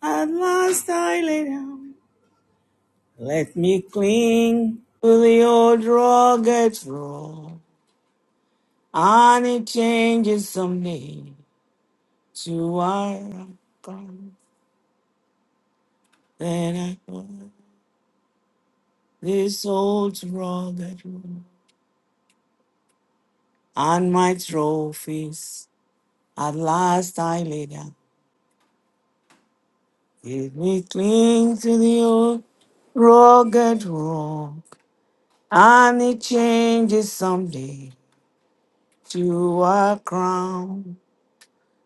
At last I lay down. Let me cling to the old rugged road. And it changes someday to where I'm from. Then I go this old rugged road. And my trophies at last I lay down. Let me cling to the old rugged rock, and it changes someday to a crown.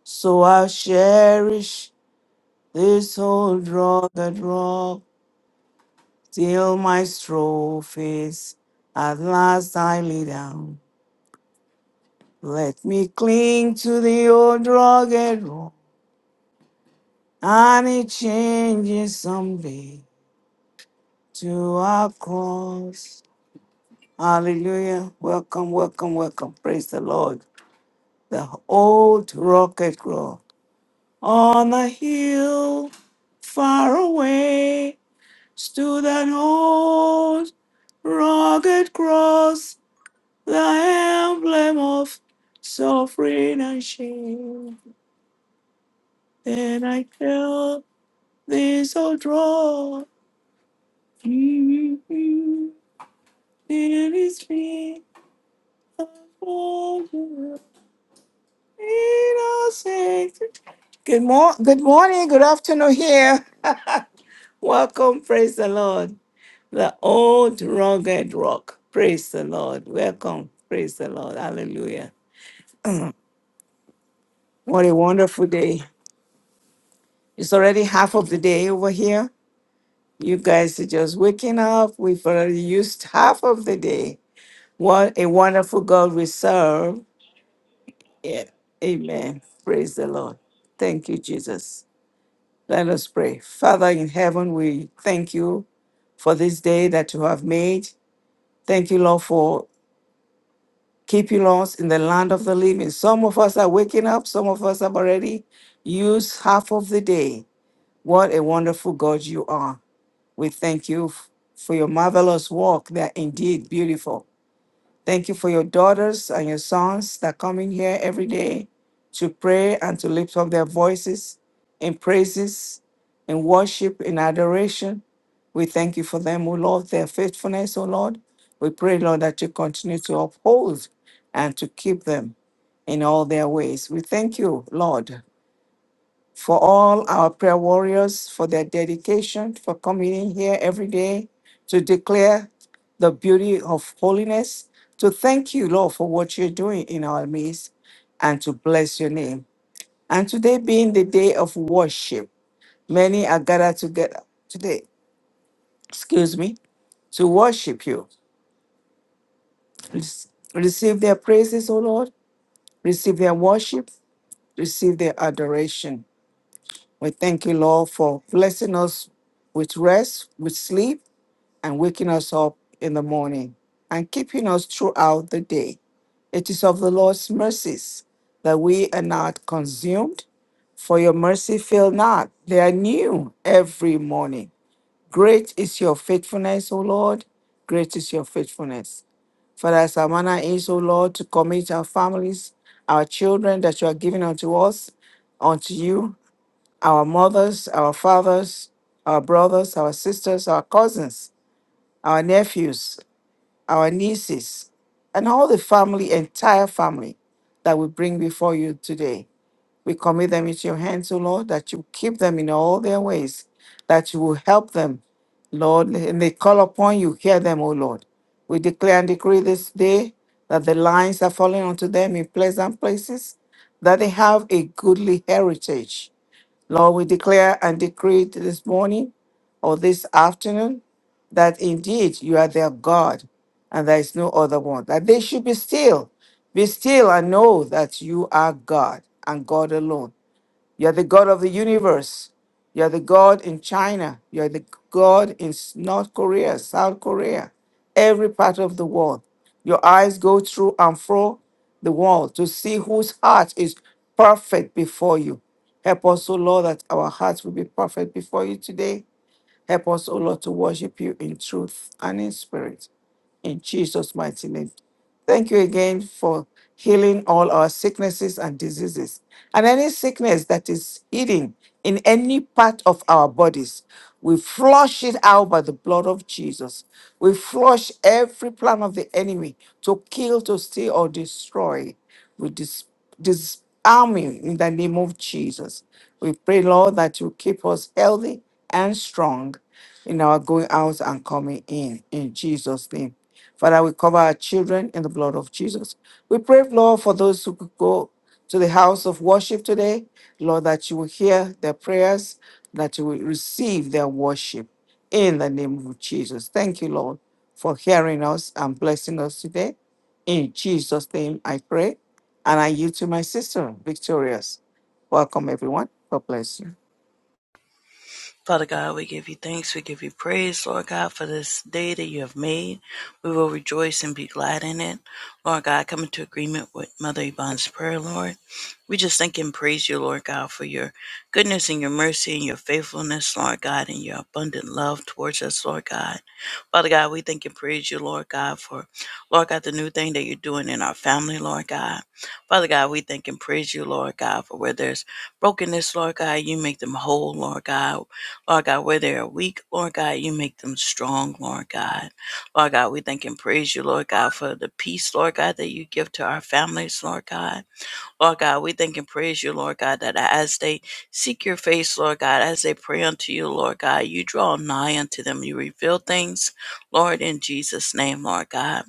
So I'll cherish this old rugged rock till my trophies at last I lay down. Let me cling to the old rugged rock, and it changes someday to our cross. Hallelujah. Welcome, welcome, welcome. Praise the Lord. The old rugged rock on a hill far away stood an old rugged cross, the emblem of suffering and shame. Then I felt this old rock in his feet. Good, mor- good morning, good afternoon here. Welcome, praise the Lord. the old rugged rock. Praise the Lord. Welcome. Praise the Lord. Hallelujah. What a wonderful day. It's already half of the day over here. You guys are just waking up. We've already used half of the day. What a wonderful God we serve. Yeah. Amen. Praise the Lord. Thank you, Jesus. Let us pray. Father in heaven, we thank you for this day that you have made. Thank you, Lord, for keep you lost in the land of the living. Some of us are waking up, some of us have already used half of the day. What a wonderful God you are. We thank you f- for your marvelous work. They are indeed beautiful. Thank you for your daughters and your sons that come in here every day to pray and to lift up their voices in praises, in worship, in adoration. We thank you for them, O Lord, their faithfulness, O Lord. We pray, Lord, that you continue to uphold and to keep them in all their ways. We thank you, Lord, for all our prayer warriors, for their dedication, for coming in here every day to declare the beauty of holiness, to thank you, Lord, for what you're doing in our midst, and to bless your name. And today being the day of worship, many are gathered together today, excuse me, to worship you. Rec- Receive their praises, O Lord, receive their worship, receive their adoration. We thank you, Lord, for blessing us with rest, with sleep, and waking us up in the morning and keeping us throughout the day. It is of the Lord's mercies that we are not consumed, for your mercy fail not. They are new every morning. Great is your faithfulness, O Lord. Great is your faithfulness. Father, as our manner is, O Lord, to commit our families, our children that you are giving unto us, unto you our mothers, our fathers, our brothers, our sisters, our cousins, our nephews, our nieces, and all the family, entire family that we bring before you today. We commit them into your hands, O Lord, that you keep them in all their ways, that you will help them, Lord, and they call upon you, hear them, O Lord. We declare and decree this day that the lines are falling onto them in pleasant places, that they have a goodly heritage Lord, we declare and decree this morning or this afternoon that indeed you are their God and there is no other one. That they should be still, be still and know that you are God and God alone. You're the God of the universe. You're the God in China. You're the God in S- North Korea, South Korea, every part of the world. Your eyes go through and fro the world to see whose heart is perfect before you. Help us, O Lord, that our hearts will be perfect before you today. Help us, O Lord, to worship you in truth and in spirit in Jesus' mighty name. Thank you again for healing all our sicknesses and diseases. And any sickness that is hidden in any part of our bodies, we flush it out by the blood of Jesus. We flush every plan of the enemy to kill, to steal, or destroy. We dis- disarm him in the name of Jesus. We pray, Lord, that you keep us healthy and strong in our going out and coming in. In Jesus' name. Father, we cover our children in the blood of Jesus. We pray, Lord, for those who could go to the house of worship today, Lord, that you will hear their prayers, that you will receive their worship in the name of Jesus. Thank you, Lord, for hearing us and blessing us today. In Jesus' name, I pray. And I yield to my sister, Victorious. Welcome, everyone. God bless you. Father God, we give you thanks. We give you praise, Lord God, for this day that you have made. We will rejoice and be glad in it. Lord God, come into agreement with Mother Yvonne's prayer, Lord. We just thank and praise you, Lord God, for your goodness and your mercy and your faithfulness, Lord God, and your abundant love towards us, Lord God. Father God, we thank and praise you, Lord God, for, Lord God, the new thing that you're doing in our family, Lord God. Father God, we thank and praise you, Lord God, for where there's brokenness, Lord God, you make them whole, Lord God Lord God, where they are weak, Lord God, you make them strong, Lord God. Lord God, we thank and praise you, Lord God, for the peace, Lord God, that you give to our families, Lord God. Lord God, we thank and praise you, Lord God, that as they seek your face, Lord God, as they pray unto you, Lord God, you draw nigh unto them. You reveal things, Lord, in Jesus' name, Lord God.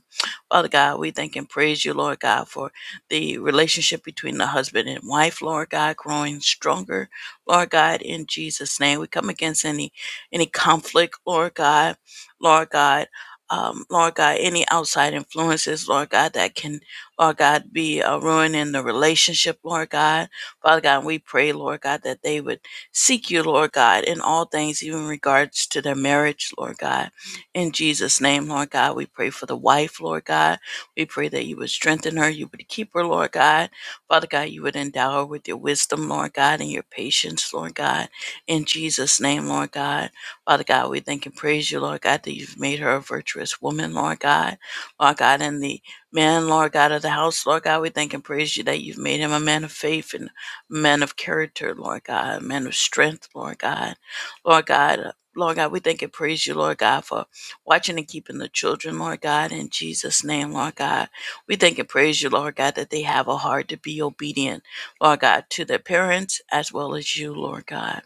Father God, we thank and praise you, Lord God, for the relationship between the husband and wife, Lord God, growing stronger, Lord God, in Jesus' name. We come against any any conflict, Lord God, Lord God. Um, Lord God, any outside influences, Lord God, that can Lord God, be uh, ruining the relationship, Lord God. Father God, we pray, Lord God, that they would seek you, Lord God, in all things, even in regards to their marriage, Lord God. In Jesus' name, Lord God, we pray for the wife, Lord God. We pray that you would strengthen her, you would keep her, Lord God. Father God, you would endow her with your wisdom, Lord God, and your patience, Lord God. In Jesus' name, Lord God. Father God, we thank and praise you, Lord God, that you've made her a virtuous woman, Lord God. Lord God, in the man, Lord God of the house, Lord God, we thank and praise you that you've made him a man of faith and a man of character, Lord God, a man of strength, Lord God, Lord God. Lord God, we thank and praise you, Lord God, for watching and keeping the children, Lord God, in Jesus' name, Lord God. We thank and praise you, Lord God, that they have a heart to be obedient, Lord God, to their parents as well as you, Lord God.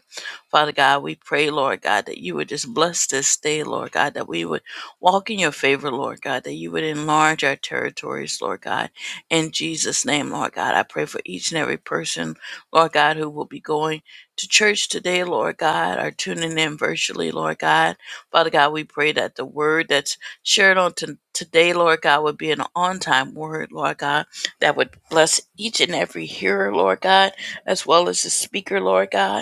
Father God, we pray, Lord God, that you would just bless this day, Lord God, that we would walk in your favor, Lord God, that you would enlarge our territories, Lord God. In Jesus' name, Lord God, I pray for each and every person, Lord God, who will be going to church today, Lord God, or tuning in virtually, Lord God. Father God, we pray that the word that's shared on to today, Lord God, would be an on time word, Lord God, that would bless each and every hearer, Lord God, as well as the speaker, Lord God.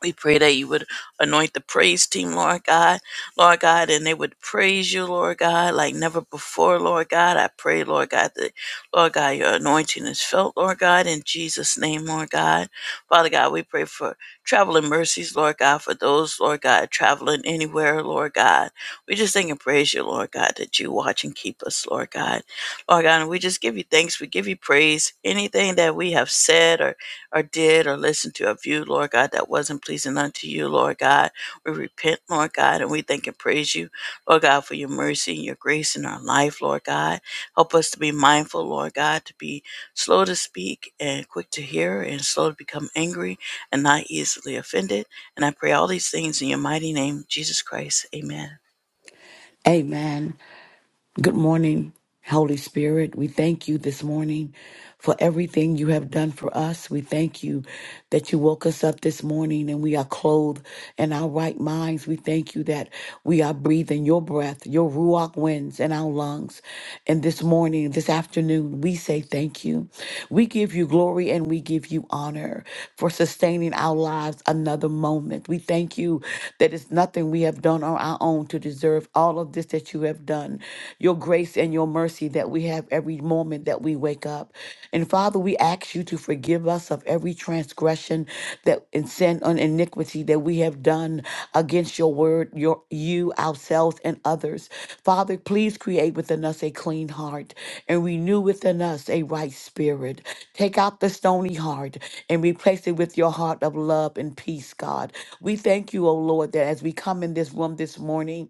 We pray that you would anoint the praise team, Lord God, Lord God, and they would praise you, Lord God, like never before, Lord God. I pray, Lord God, that, Lord God, your anointing is felt, Lord God, in Jesus' name, Lord God. Father God, we pray for traveling mercies, Lord God, for those, Lord God, traveling anywhere, Lord God. We just thank and praise you, Lord God, that you watch and keep us, Lord God. Lord God, and we just give you thanks. We give you praise. Anything that we have said or or did or listened to or viewed, Lord God, that wasn't pleasing unto you, Lord God. We repent, Lord God, and we thank and praise you, Lord God, for your mercy and your grace in our life, Lord God. Help us to be mindful, Lord God, to be slow to speak and quick to hear and slow to become angry and not easily offended. And I pray all these things in your mighty name, Jesus Christ. Amen. Amen. Good morning, Holy Spirit. We thank you this morning for everything you have done for us. We thank you that you woke us up this morning and we are clothed in our right minds. We thank you that we are breathing your breath, your ruach winds in our lungs. And this morning, this afternoon, we say thank you. We give you glory and we give you honor for sustaining our lives another moment. We thank you that it's nothing we have done on our own to deserve all of this that that you have done, your grace and your mercy that we have every moment that we wake up. And Father, we ask you to forgive us of every transgression that and sin and iniquity that we have done against your word, your you, ourselves, and others. Father, please create within us a clean heart and renew within us a right spirit. Take out the stony heart and replace it with your heart of love and peace, God. We thank you, O Lord, that as we come in this room this morning,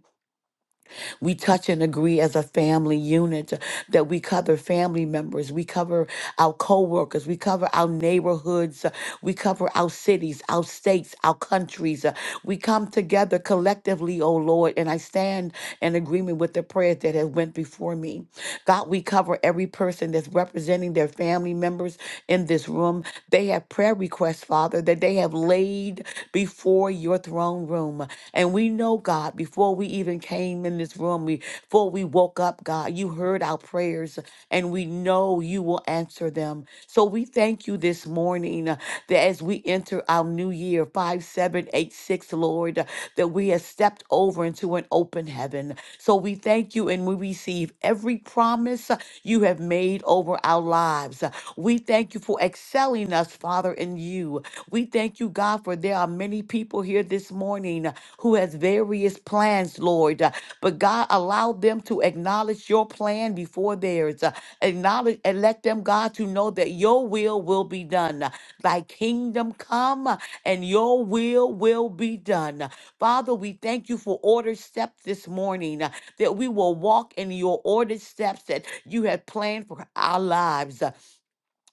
we touch and agree as a family unit that we cover family members, we cover our co-workers, we cover our neighborhoods, we cover our cities, our states, our countries. We come together collectively, oh Lord, and I stand in agreement with the prayers that have went before me. God, we cover every person that's representing their family members in this room. They have prayer requests, Father, that they have laid before your throne room. And we know, God, before we even came in this room, we, before we woke up, God, you heard our prayers and we know you will answer them. So we thank you this morning uh, that as we enter our new year, 5786, Lord, uh, that that we have stepped over into an open heaven. So we thank you and we receive every promise uh, you have made over our lives. Uh, We thank you for excelling us, Father, in you. We thank you, God, for there are many people here this morning uh, who has various plans, Lord. Uh, But God, allow them to acknowledge your plan before theirs. Uh, Acknowledge and let them, God, to know that your will will be done. Uh, Thy kingdom come uh, and your will will be done. Father, we thank you for ordered steps this morning, uh, that we will walk in your ordered steps that you have planned for our lives.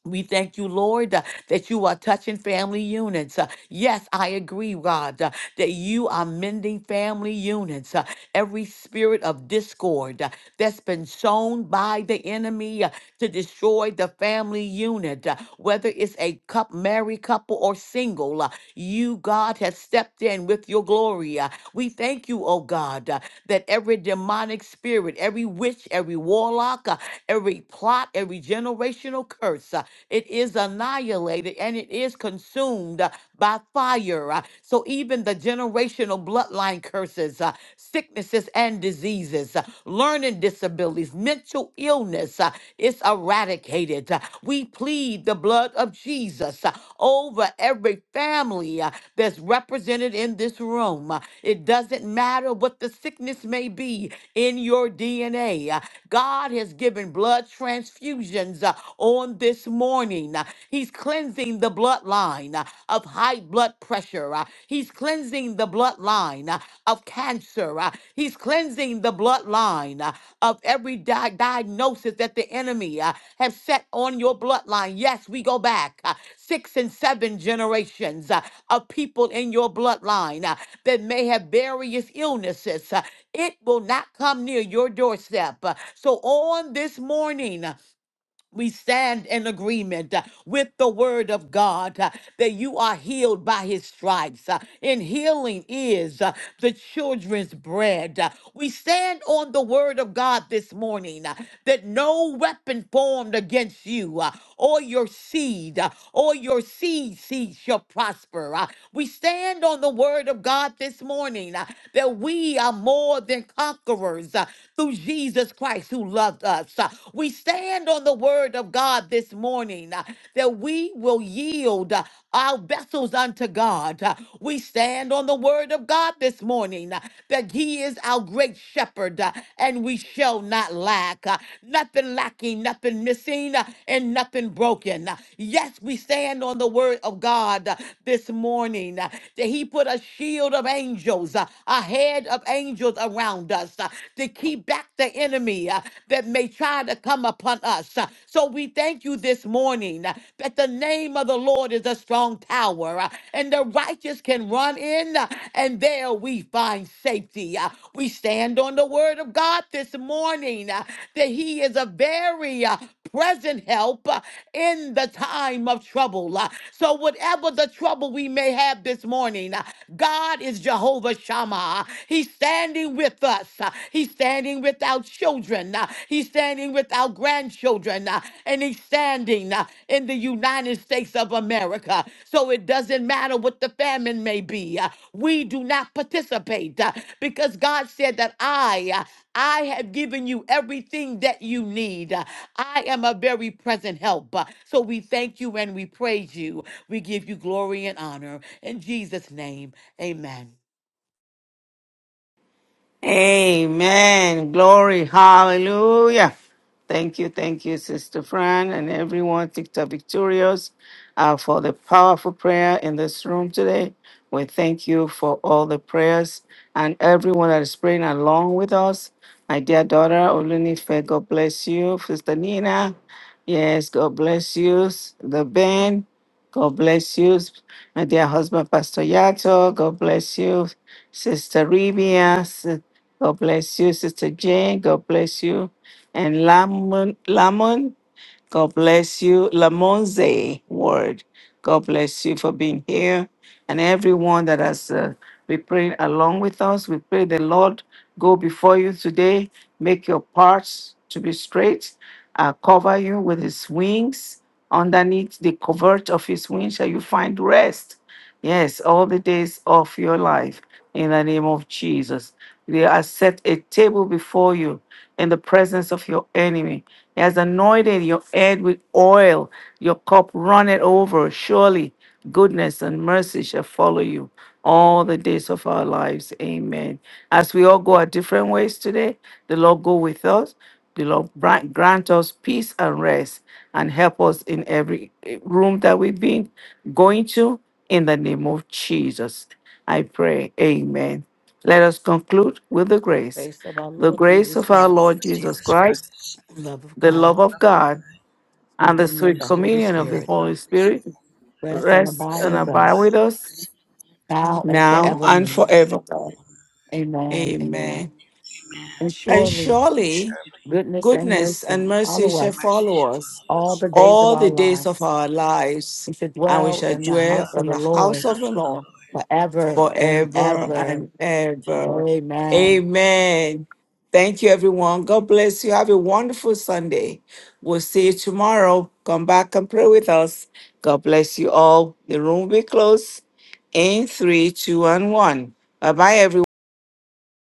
We thank you, Lord, uh, that you are touching family units. Uh, Yes, I agree, God, uh, that you are mending family units. Uh, Every spirit of discord uh, that's been sown by the enemy uh, to destroy the family unit, uh, whether it's a cup, married couple or single, uh, you, God, have stepped in with your glory. Uh, We thank you, oh God, uh, that every demonic spirit, every witch, every warlock, uh, every plot, every generational curse. uh, it is annihilated and it is consumed uh, by fire. Uh, So even the generational bloodline curses, uh, sicknesses and diseases, uh, learning disabilities, mental illness uh, is eradicated. Uh, We plead the blood of Jesus uh, over every family family uh, that's represented in this room. Uh, It doesn't matter what the sickness may be in your DNA. Uh, God has given blood transfusions uh, on this morning. Uh, He's cleansing the bloodline uh, of high blood pressure. Uh, He's cleansing the bloodline uh, of cancer. Uh, He's cleansing the bloodline uh, of every di- diagnosis that the enemy uh, have set on your bloodline. Yes, we go back uh, six and seven generations uh, of people in your bloodline uh, that may have various illnesses. uh, it will not come near your doorstep. Uh, So on this morning, uh, we stand in agreement uh, with the word of God uh, that you are healed by his stripes. uh, And healing is uh, the children's bread. Uh, We stand on the word of God this morning uh, that no weapon formed against you uh, or your seed uh, or your seed seed shall prosper. Uh, We stand on the word of God this morning uh, that we are more than conquerors uh, through Jesus. Jesus Christ who loved us. Uh, We stand on the word of God this morning uh, that we will yield uh, our vessels unto God. Uh, We stand on the word of God this morning uh, that He is our great shepherd uh, and we shall not lack. Uh, Nothing lacking, nothing missing, uh, and nothing broken. Uh, Yes, we stand on the word of God uh, this morning uh, that He put a shield of angels, uh, a head of angels angels around us uh, to keep back the enemy uh, that may try to come upon us. Uh, So we thank you this morning uh, that the name of the Lord is a strong tower uh, and the righteous can run in uh, and there we find safety. Uh, We stand on the word of God this morning uh, that he is a very uh, present help uh, in the time of trouble. Uh, So whatever the trouble we may have this morning, God is Jehovah Shammah. He's standing with us. Uh, He's standing with our children. Uh, He's standing with our grandchildren. Uh, And he's standing uh, in the United States of America. So it doesn't matter what the famine may be. Uh, We do not participate uh, because God said that I, uh, I have given you everything that you need. Uh, I am a very present help. Uh, So we thank you and we praise you. We give you glory and honor. In Jesus' name, amen. Amen. Glory. Hallelujah. Thank you. Thank you, Sister Fran and everyone, TikTok Victorious, uh, for the powerful prayer in this room today. We thank you for all the prayers and everyone that is praying along with us. My dear daughter, Olunife, God bless you. Sister Nina, yes, God bless you. The Ben, God bless you. My dear husband, Pastor Yato, God bless you. Sister Rivia, God bless you, Sister Jane. God bless you. And Lamon, Lamon God bless you. Lamonze Word. God bless you for being here. And everyone that has uh, been praying along with us, we pray the Lord go before you today, make your parts to be straight, uh, cover you with his wings. Underneath the covert of his wings shall you find rest. Yes, all the days of your life in the name of Jesus. They have set a table before you in the presence of your enemy. He has anointed your head with oil. Your cup runneth over. Surely goodness and mercy shall follow you all the days of our lives. Amen. As we all go our different ways today, the Lord go with us. The Lord bra- grant us peace and rest and help us in every eh, room that we've been going to. In the name of Jesus, I pray. Amen. Let us conclude with the grace. Grace of our The Lord grace Jesus of our Christ, Lord Lord Jesus Jesus Christ, Christ, love of the God, love of love of the God, be and the commended sweet by blessed Holy communion of communion, the Spirit, of all Holy Holy Spirit Spirit, rest and rest abide rest and and with abide us with abide with us us now and now now and forevermore. forever. and forevermore. Amen, amen. Amen. Amen. And And surely surely Surely goodness and goodness mercy and goodness mercy follow and shall us mercy follow shall us follow all us the days of all our the all the days of days lives. of our our life, We lives, should and we and dwell shall we in the shall dwell house dwell of in the the in the house Lord of house the of the Lord Lord forever forever. and forever ever. and ever. Amen. Amen. Amen. Thank you, everyone. God bless you. Have a wonderful Sunday. We'll see you tomorrow. Come back and pray with us. God bless you all. The room will be closed in three, two, and one. Bye bye, everyone.